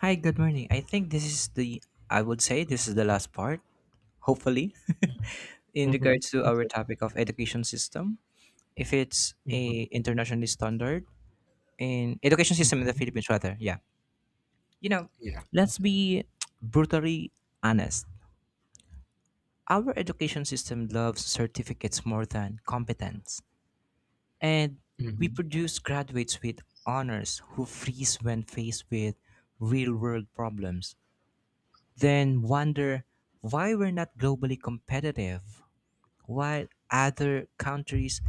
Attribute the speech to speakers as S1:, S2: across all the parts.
S1: Hi, good morning. I think this is I would say this is the last part, hopefully, in
S2: Mhm.
S1: regards to our
S2: Okay.
S1: topic of education system. If it's
S2: Mhm.
S1: a internationally standard in education system in the
S2: Mhm.
S1: Philippines, rather, yeah. You know,
S2: Yeah.
S1: let's be brutally honest. Our education system loves certificates more than competence, and we
S2: Mhm.
S1: produce graduates with honors who freeze when faced with real-world problems then wonder why we're not globally competitive while other countries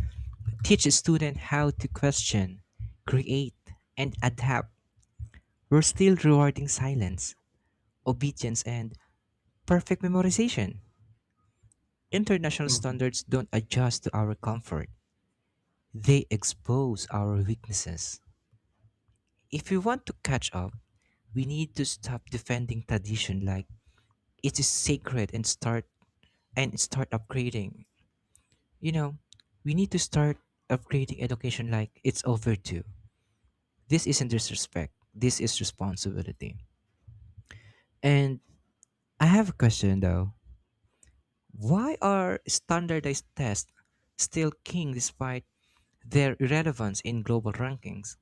S1: teach a student how to question, create, and adapt. We're still rewarding silence, obedience, and perfect memorization. International
S2: Mhm.
S1: standards don't adjust to our comfort, they expose our weaknesses. If we want to catch up, we need to stop defending tradition like it is sacred and start upgrading. You know, we need to start upgrading education like it's overdue. This isn't disrespect, this is responsibility. And I have a question though. Why are standardized tests still king despite their irrelevance in global rankings?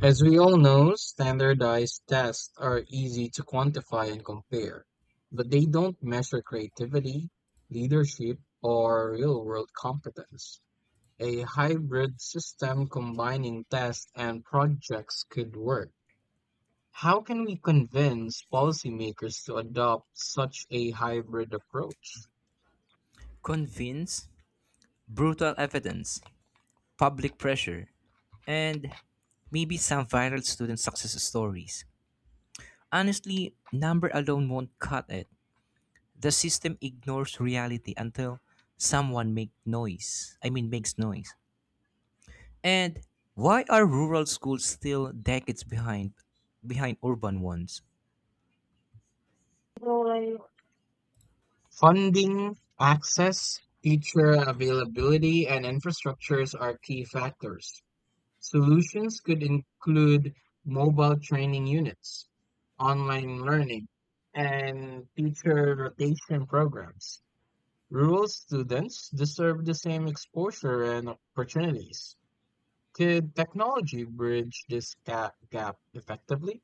S2: As we all know, standardized tests are easy to quantify and compare, but they don't measure creativity, leadership, or real-world competence. A hybrid system combining tests and projects could work. How can we convince policymakers to adopt such a hybrid approach?
S1: Convince, brutal evidence, public pressure, and maybe some viral student success stories. Honestly, number alone won't cut it. The system ignores reality until someone make noise. I mean makes noise. And why are rural schools still decades behind urban ones?
S2: Funding, access, teacher availability, and infrastructures are key factors. Solutions could include mobile training units, online learning, and teacher rotation programs. Rural students deserve the same exposure and opportunities. Could technology bridge this gap effectively?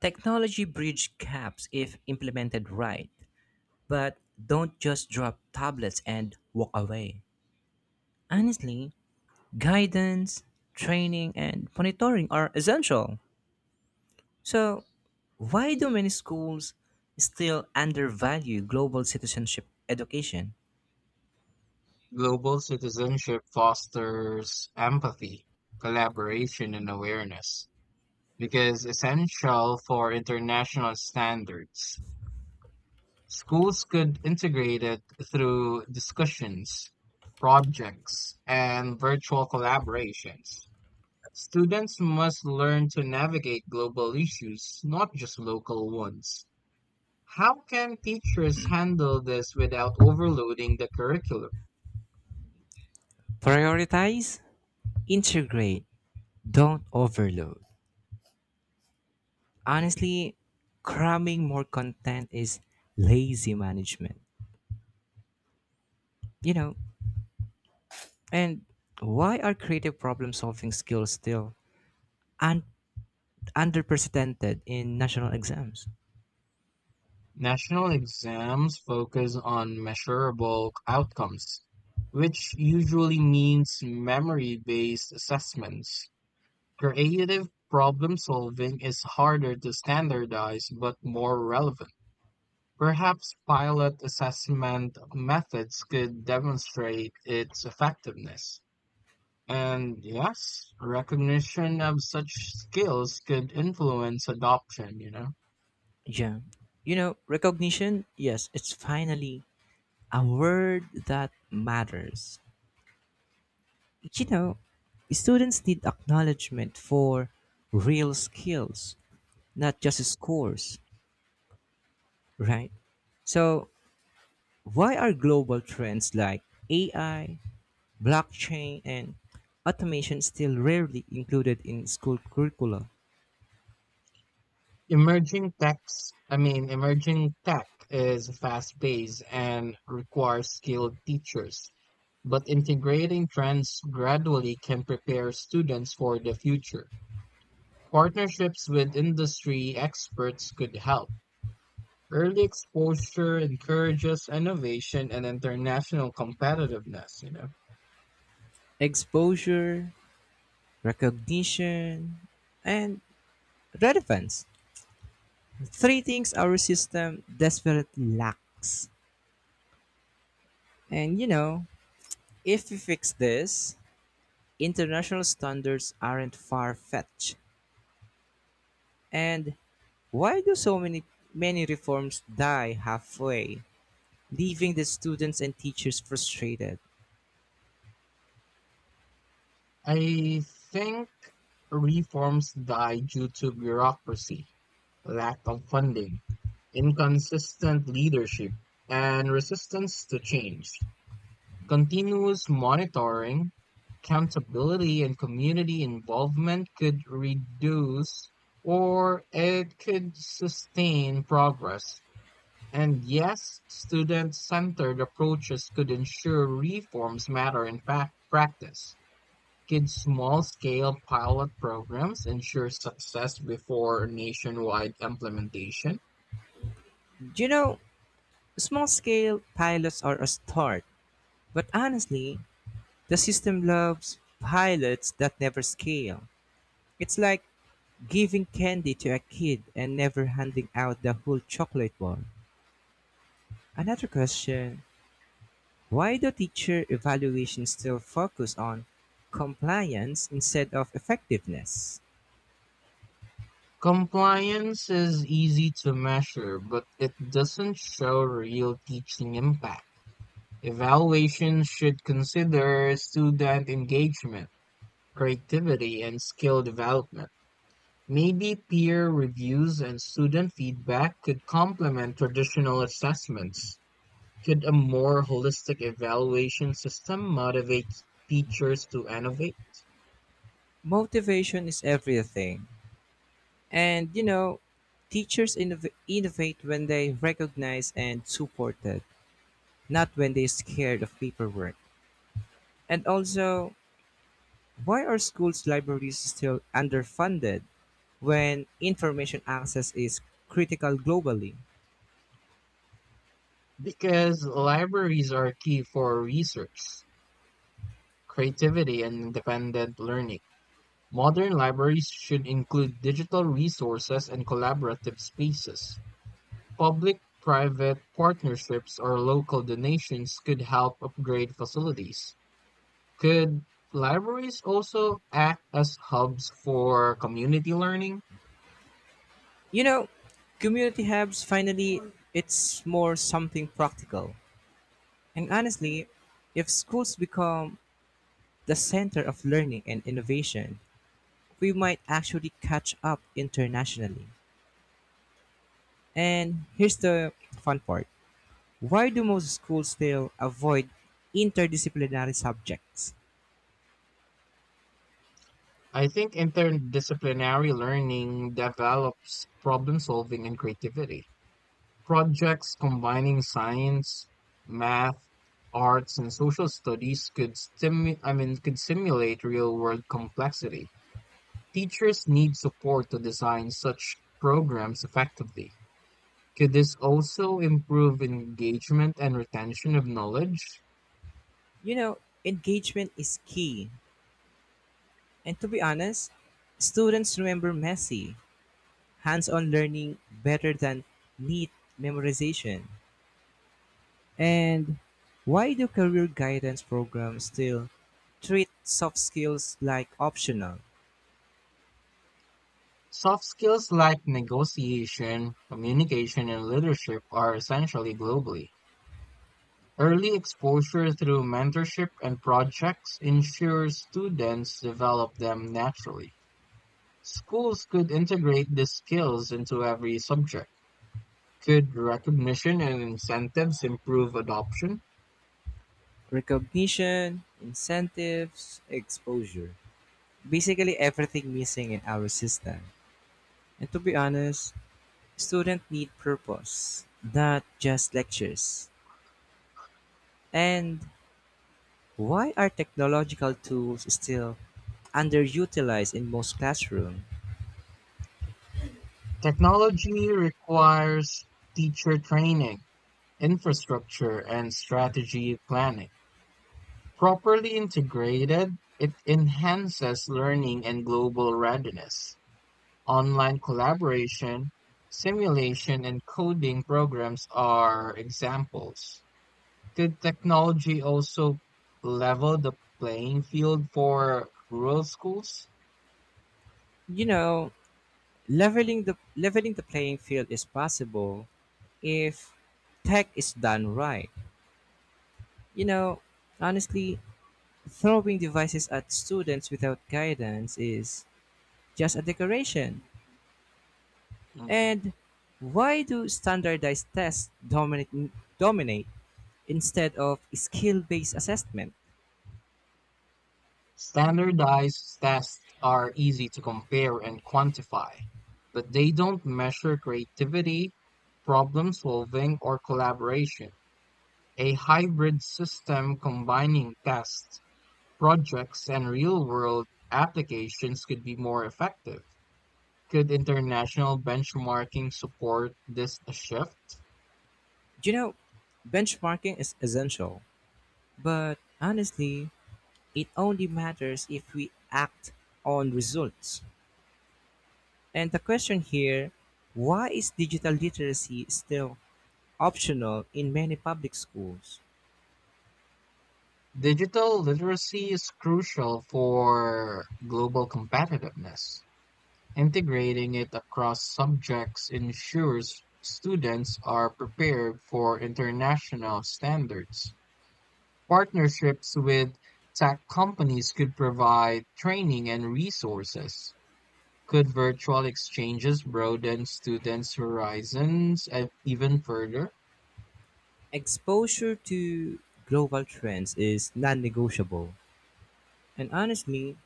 S1: Technology bridge gaps if implemented right, but don't just drop tablets and walk away. Honestly, guidance, training and monitoring are essential. So, why do many schools still undervalue global citizenship education?
S2: Global citizenship fosters empathy, collaboration, and awareness. Because essential for international standards, schools could integrate it through discussions, projects, and virtual collaborations. Students must learn to navigate global issues, not just local ones. How can teachers handle this without overloading the curriculum?
S1: Prioritize, integrate, don't overload. Honestly, cramming more content is lazy management. You know, and why are creative problem solving skills still un- underrepresented in national exams?
S2: National exams focus on measurable outcomes, which usually means memory-based assessments. Creative problem solving is harder to standardize but more relevant. Perhaps pilot assessment methods could demonstrate its effectiveness. And yes, recognition of such skills could influence adoption, you know.
S1: Yeah. Recognition, yes, it's finally a word that matters. You know, Students need acknowledgement for real skills, not just scores. Right. So, why are global trends like AI, blockchain, and automation still rarely included in school curricula?
S2: Emerging tech is fast-paced and requires skilled teachers, but integrating trends gradually can prepare students for the future. Partnerships with industry experts could help. Early exposure encourages innovation and international competitiveness, you know.
S1: Exposure, recognition, and relevance. Three things our system desperately lacks. And you know, if we fix this, international standards aren't far fetched. And why do so many reforms die halfway, leaving the students and teachers frustrated?
S2: I think reforms die due to bureaucracy, lack of funding inconsistent leadership, and resistance to change. Continuous monitoring, accountability, and community involvement could reduce or it could sustain progress. And yes, student centered approaches could ensure reforms matter in fact practice. Could small scale pilot programs ensure success before nationwide implementation?
S1: You know, Small scale pilots are a start, but honestly, the system loves pilots that never scale. It's like giving candy to a kid and never handing out the whole chocolate bar. Another question: why do teacher evaluations still focus on compliance instead of effectiveness?
S2: Compliance is easy to measure, but it doesn't show real teaching impact. Evaluations should consider student engagement, creativity, and skill development. Maybe peer reviews and student feedback could complement traditional assessments. Could a more holistic evaluation system motivate teachers to innovate?
S1: Motivation is everything. And you know, Teachers innovate when they recognize and support it, not when they're scared of paperwork. And also, why are schools' libraries still underfunded when information access is critical globally?
S2: Because libraries are key for research, creativity, and independent learning. Modern libraries should include digital resources and collaborative spaces. Public-private partnerships or local donations could help upgrade facilities. Could libraries also act as hubs for community learning?
S1: You know, Community hubs finally, it's more something practical. And honestly, if schools become the center of learning and innovation, we might actually catch up internationally. And here's the fun part. Why do most schools still avoid interdisciplinary subjects?
S2: I think interdisciplinary learning develops problem solving and creativity. Projects combining science, math, arts, and social studies could could simulate real-world complexity. Teachers need support to design such programs effectively. Could this also improve engagement and retention of knowledge?
S1: You know, Engagement is key. And to be honest, students remember messy, hands on learning better than neat memorization. And why do career guidance programs still treat soft skills like optional?
S2: Soft skills like negotiation, communication, and leadership are essentially globally. Early exposure through mentorship and projects ensures students develop them naturally. Schools could integrate these skills into every subject. Could recognition and incentives improve adoption?
S1: Recognition, incentives, exposure. Basically, everything missing in our system. And to be honest, students need purpose, not just lectures. And why are technological tools still underutilized in most classrooms?
S2: Technology requires teacher training, infrastructure, and strategy planning. Properly integrated, it enhances learning and global readiness. Online collaboration, simulation, and coding programs are examples. Could technology also level the playing field for rural schools?
S1: You know, leveling the playing field is possible if tech is done right. You know, honestly, throwing devices at students without guidance is just a decoration.
S2: Mhm.
S1: And why do standardized tests dominate instead of skill based assessment?
S2: Standardized tests are easy to compare and quantify, but they don't measure creativity, problem solving, or collaboration. A hybrid system combining tests projects and real-world applications could be more effective. Could international benchmarking support this shift?
S1: You know, Benchmarking is essential, but honestly, it only matters if we act on results. And the question here: why is digital literacy still optional in many public schools?
S2: Digital literacy is crucial for global competitiveness. Integrating it across subjects ensures students are prepared for international standards. Partnerships with tech companies could provide training and resources. Could virtual exchanges broaden students' horizons even further?
S1: Exposure to global trends is non negotiable. And honestly,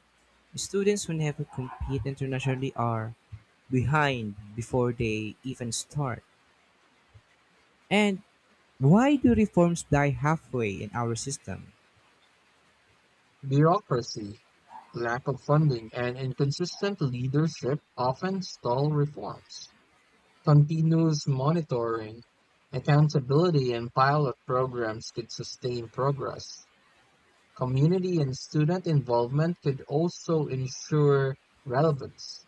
S1: students who never compete internationally are behind before they even start. And why do reforms die halfway in our system?
S2: Bureaucracy, lack of funding, and inconsistent leadership often stall reforms. Continuous monitoring, accountability, and pilot programs could sustain progress. Community and student involvement could also ensure relevance.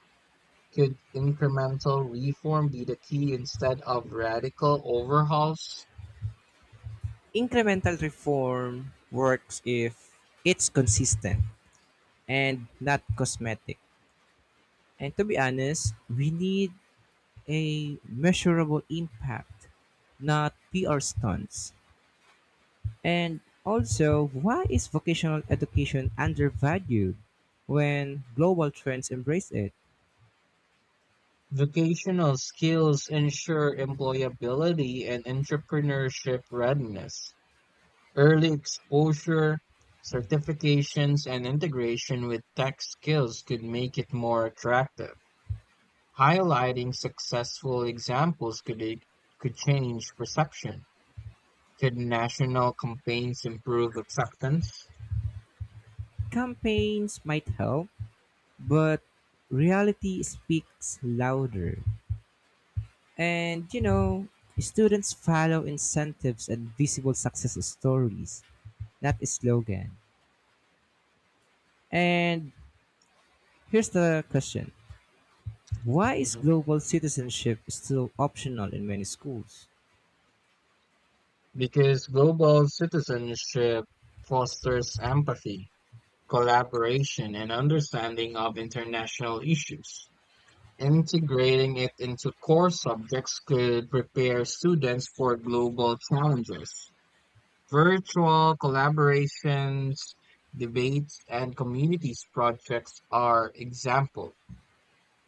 S2: Could incremental reform be the key instead of radical overhauls?
S1: Incremental reform works if it's consistent and not cosmetic. And to be honest, we need a measurable impact, not PR stunts. And also, why is vocational education undervalued when global trends embrace it?
S2: Vocational skills ensure employability and entrepreneurship readiness. Early exposure, certifications, and integration with tech skills could make it more attractive. Highlighting successful examples could change perception. Could national campaigns improve acceptance?
S1: Campaigns might help, but reality speaks louder. And you know, Students follow incentives and visible success stories, not slogan. And here's the question. Why is
S2: Mhm.
S1: global citizenship still optional in many schools?
S2: Because global citizenship fosters empathy. Collaboration and understanding of international issues. Integrating it into core subjects could prepare students for global challenges. Virtual collaborations, debates, and communities projects are examples.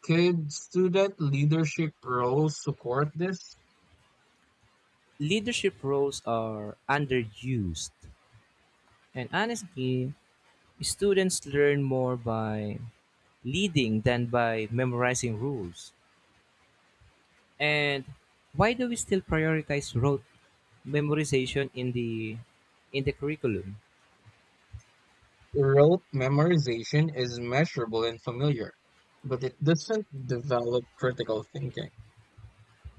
S2: Could student leadership roles support this?
S1: Leadership roles are underused. And honestly, students learn more by leading than by memorizing rules. And why do we still prioritize rote memorization in the curriculum?
S2: Rote memorization is measurable and familiar, but it doesn't develop critical thinking.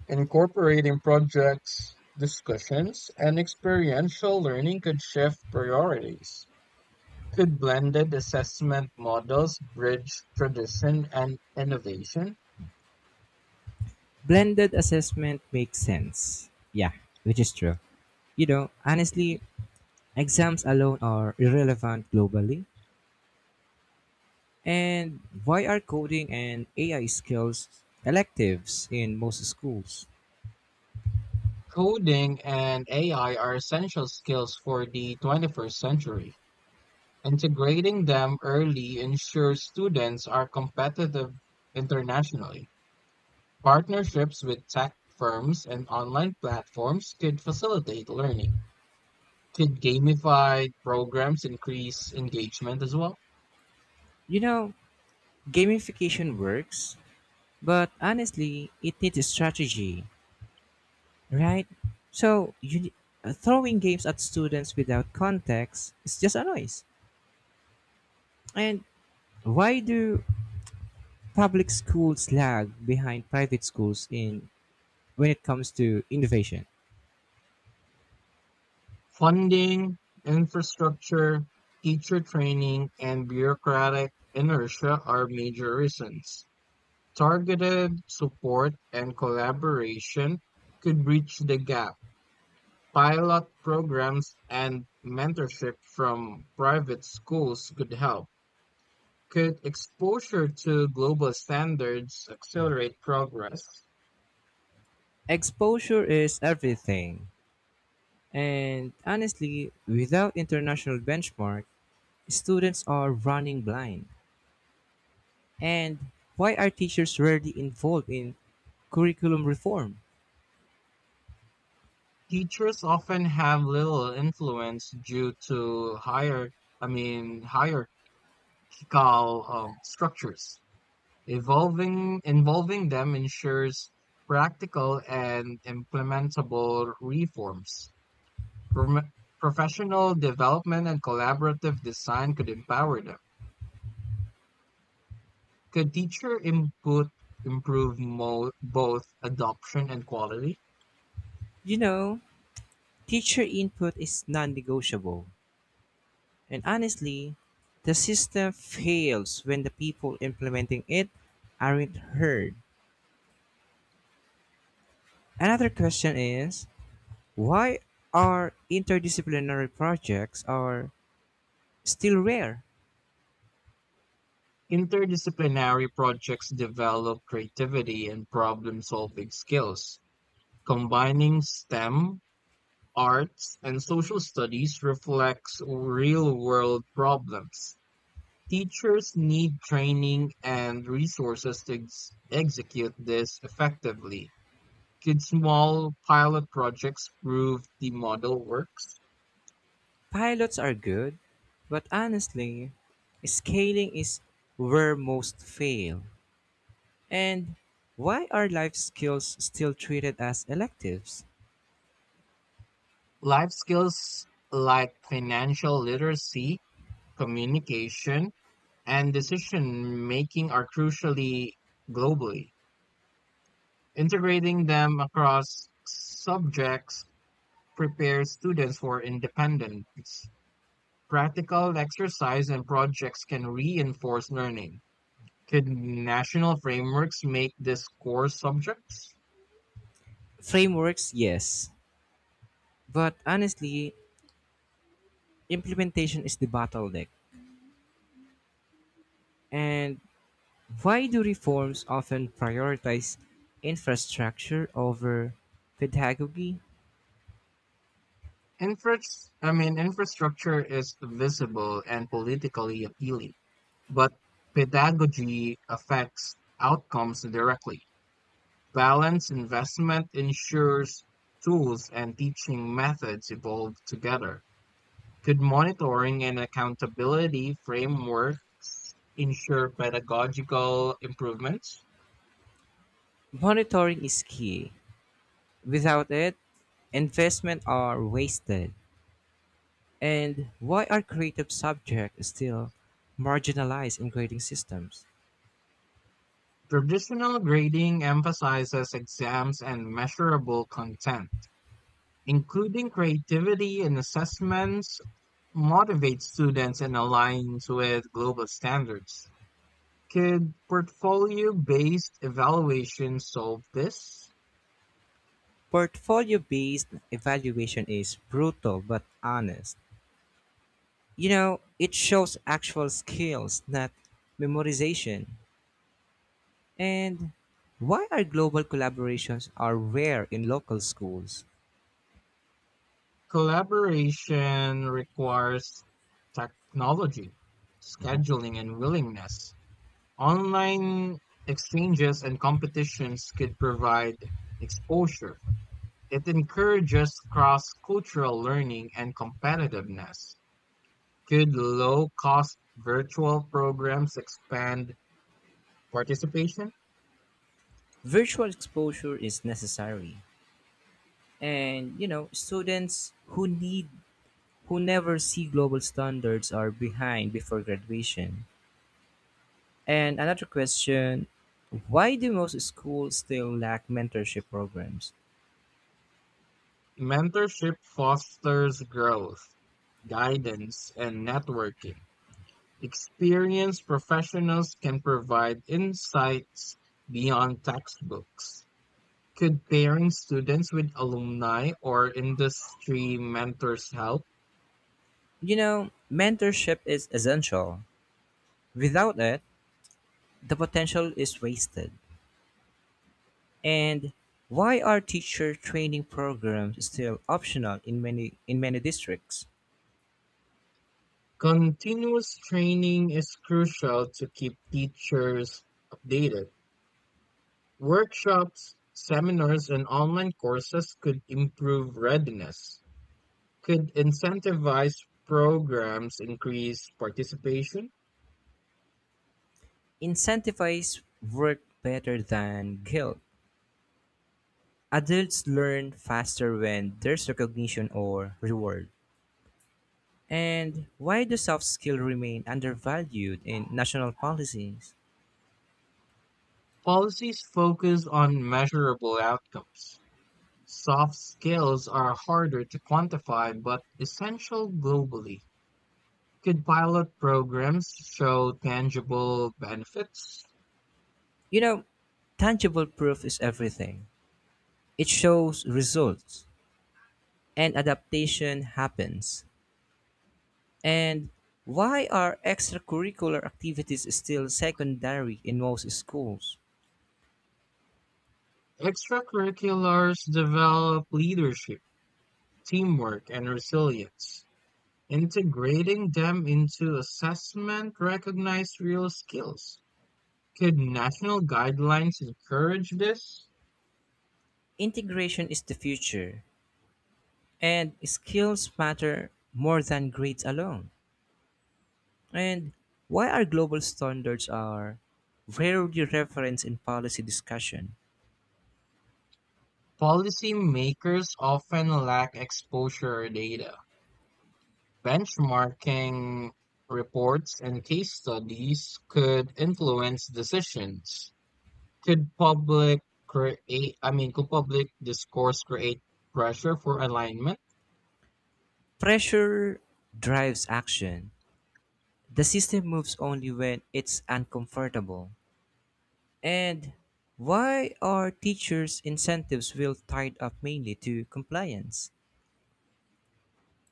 S2: Incorporating projects, discussions, and experiential learning could shift priorities. Could blended assessment models bridge tradition and innovation?
S1: Blended assessment makes sense. Yeah, which is true. You know, honestly, exams alone are irrelevant globally. And why are coding and AI skills electives in most schools?
S2: Coding and AI are essential skills for the 21st century. Integrating them early ensures students are competitive internationally. Partnerships with tech firms and online platforms could facilitate learning. Could gamified programs increase engagement as well?
S1: You know, Gamification works, but honestly, it needs a strategy, right? So, throwing games at students without context is just a noise. And why do public schools lag behind private schools in when it comes to innovation?
S2: Funding, infrastructure, teacher training, and bureaucratic inertia are major reasons. Targeted support and collaboration could bridge the gap. Pilot programs and mentorship from private schools could help. Could exposure to global standards accelerate progress?
S1: Exposure is everything. And honestly, without international benchmark, students are running blind. And why are teachers rarely involved in curriculum reform?
S2: Teachers often have little influence due to hierarchical structures. Involving them ensures practical and implementable reforms. Prom- Professional development and collaborative design could empower them. Could teacher input improve both adoption and quality?
S1: You know, Teacher input is non-negotiable. And honestly, the system fails when the people implementing it aren't heard. Another question is, why are interdisciplinary projects or still rare?
S2: Interdisciplinary projects develop creativity and problem-solving skills. Combining STEM, arts, and social studies reflects real-world problems. Teachers need training and resources to execute this effectively. Could small pilot projects prove the model works?
S1: Pilots are good, but honestly, scaling is where most fail. And why are life skills still treated as electives?
S2: Life skills like financial literacy, communication, and decision making are crucially globally. Integrating them across subjects prepares students for independence. Practical exercise and projects can reinforce learning. Could national frameworks make this core subjects?
S1: Frameworks, yes, but honestly, implementation is the bottleneck. And why do reforms often prioritize infrastructure over pedagogy?
S2: Infra- Infrastructure is visible and politically appealing, but pedagogy affects outcomes directly. Balanced investment ensures tools and teaching methods evolve together. Could monitoring and accountability framework ensure pedagogical improvements?
S1: Monitoring is key. Without it, investment are wasted. And why are creative subjects still marginalized in grading systems?
S2: Traditional grading emphasizes exams and measurable content. Including creativity in assessments motivates students and aligns with global standards. Could portfolio based evaluation solve this?
S1: Portfolio based evaluation is brutal but honest. It shows actual skills, not memorization. And why are global collaborations are rare in local schools?
S2: Collaboration requires technology, scheduling, and willingness. Online exchanges and competitions could provide exposure. It encourages cross cultural learning and competitiveness. Could low cost virtual programs expand participation?
S1: Virtual exposure is necessary. Students who never see global standards are behind before graduation. And another question: why do most schools still lack mentorship programs?
S2: Mentorship fosters growth, guidance, and networking. Experienced professionals can provide insights beyond textbooks. Could pairing students with alumni or industry mentors help?
S1: Mentorship is essential. Without it, the potential is wasted. And why are teacher training programs still optional in many districts?
S2: Continuous training is crucial to keep teachers updated. Workshops, seminars, and online courses could improve readiness. Could incentivize programs increase participation?
S1: Incentivize work better than guilt. Adults learn faster when there's recognition or reward. And why do soft skill remain undervalued in national policies?
S2: Policies focus on measurable outcomes. Soft skills are harder to quantify but essential globally. Could pilot programs show tangible benefits?
S1: You know, Tangible proof is everything. It shows results and adaptation happens. And why are extracurricular activities still secondary in most schools?
S2: Extracurriculars develop leadership, teamwork, and resilience. Integrating them into assessment recognized real skills. Could national guidelines encourage this?
S1: Integration is the future, and skills matter more than grades alone. And why are global standards are rarely referenced in policy discussion?
S2: Policymakers often lack exposure or data. Benchmarking reports and case studies could influence decisions. Could public create, I mean, could public discourse create pressure for alignment?
S1: Pressure drives action. The system moves only when it's uncomfortable. And why are teachers' incentives will tied up mainly to compliance?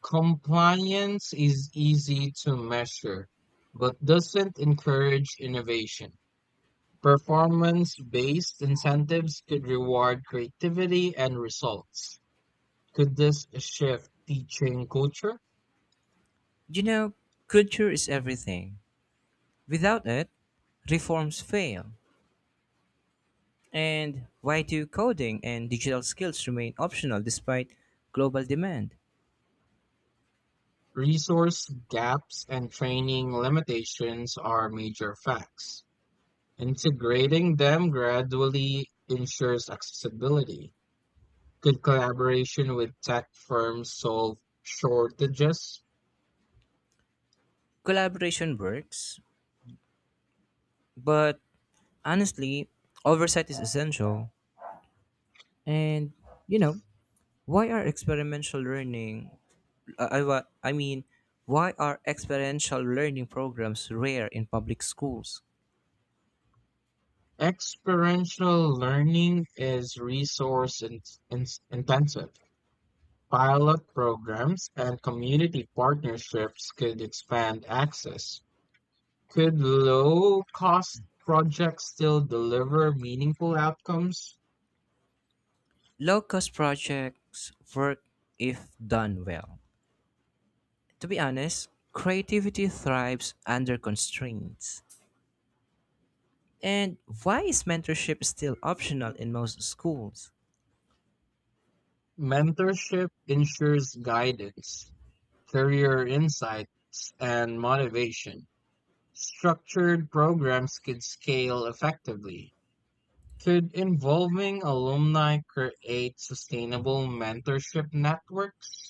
S2: Compliance is easy to measure, but doesn't encourage innovation. Performance-based incentives could reward creativity and results. Could this shift teaching culture?
S1: You know, Culture is everything. Without it, reforms fail. And why do coding and digital skills remain optional despite global demand?
S2: Resource gaps and training limitations are major facts. Integrating them gradually ensures accessibility. Could collaboration with tech firms solve shortages?
S1: Collaboration works, but honestly, oversight is essential. And you know, why are experimental learning I, wa- I mean, why are experiential learning programs rare in public schools?
S2: Experiential learning is resource intensive. Pilot programs and community partnerships could expand access. Could low cost projects still deliver meaningful outcomes?
S1: Low cost projects work if done well. To be honest, creativity thrives under constraints. And why is mentorship still optional in most schools?
S2: Mentorship ensures guidance, career insights, and motivation. Structured programs could scale effectively. Could involving alumni create sustainable mentorship networks?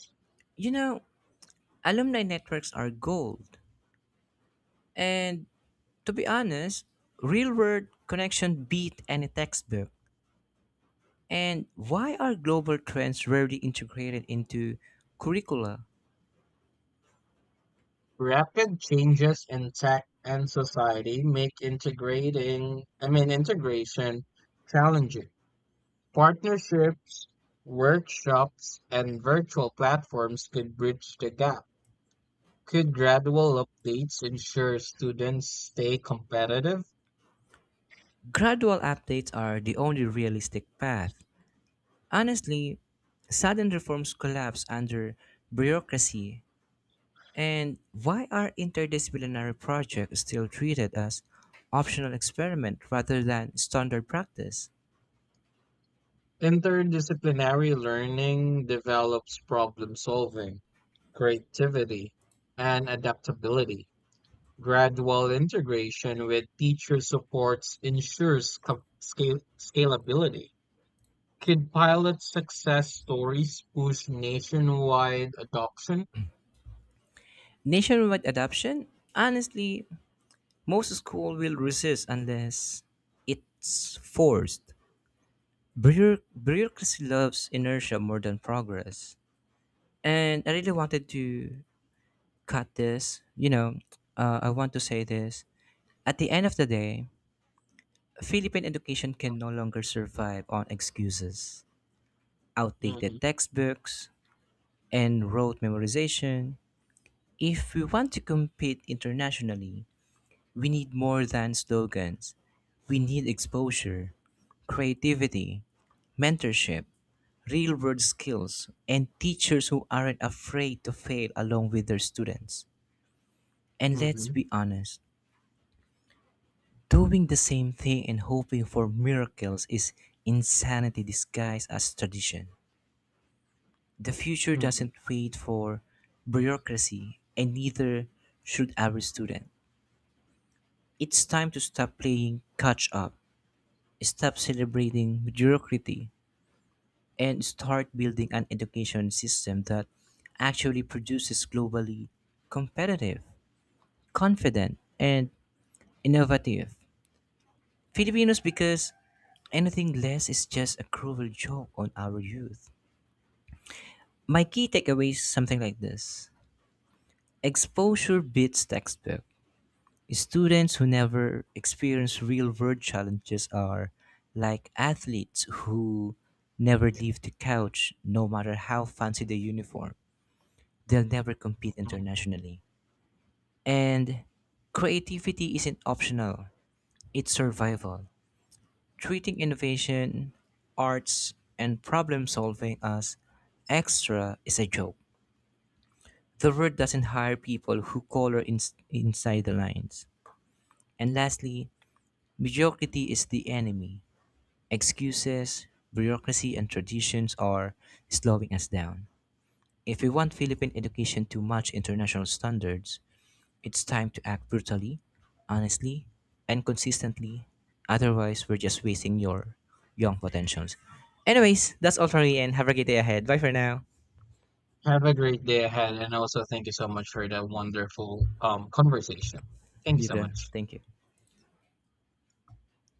S1: You know, Alumni networks are gold. And to be honest, real world connection beat any textbook. And why are global trends rarely integrated into curricula?
S2: Rapid changes in tech and society make integration challenging. Partnerships, workshops, and virtual platforms could bridge the gap. Could gradual updates ensure students stay competitive?
S1: Gradual updates are the only realistic path. Honestly, sudden reforms collapse under bureaucracy. And why are interdisciplinary projects still treated as optional experiment rather than standard practice?
S2: Interdisciplinary learning develops problem solving, creativity, and adaptability. Gradual integration with teacher supports ensures scalability. Could pilot success stories push nationwide adoption?
S1: Nationwide adoption? Honestly, most schools will resist unless it's forced. Bureaucracy loves inertia more than progress. And I really wanted to cut this. I want to say this. At the end of the day, Philippine education can no longer survive on excuses,
S2: Hmm.
S1: outdated textbooks, and rote memorization. If we want to compete internationally, we need more than slogans. We need exposure, creativity, mentorship, real world skills, and teachers who aren't afraid to fail along with their students. And let's
S2: Hmm.
S1: be honest, doing the same thing and hoping for miracles is insanity disguised as tradition. The future
S2: Hmm.
S1: doesn't wait for bureaucracy, and neither should every student. It's time to stop playing catch up, stop celebrating mediocrity, and start building an education system that actually produces globally competitive, confident, and innovative Filipinos, because anything less is just a cruel joke on our youth. My key takeaway is something like this. Exposure beats textbook. Students who never experience real world challenges are like athletes who never leave the couch no matter how fancy the uniform. They'll never compete internationally. And creativity isn't optional, it's survival. Treating innovation, arts, and problem solving as extra is a joke. The world doesn't hire people who color inside the lines. And lastly, mediocrity is the enemy. Excuses, bureaucracy, and traditions are slowing us down. If we want Philippine education to match international standards, it's time to act brutally, honestly, and consistently. Otherwise, we're just wasting your young potentials. Anyways, that's all for me and have a great day ahead. Bye for now.
S2: Have a great day ahead, and also thank you so much for that wonderful conversation. Thank you
S1: You
S2: so
S1: too.
S2: much.
S1: Thank you.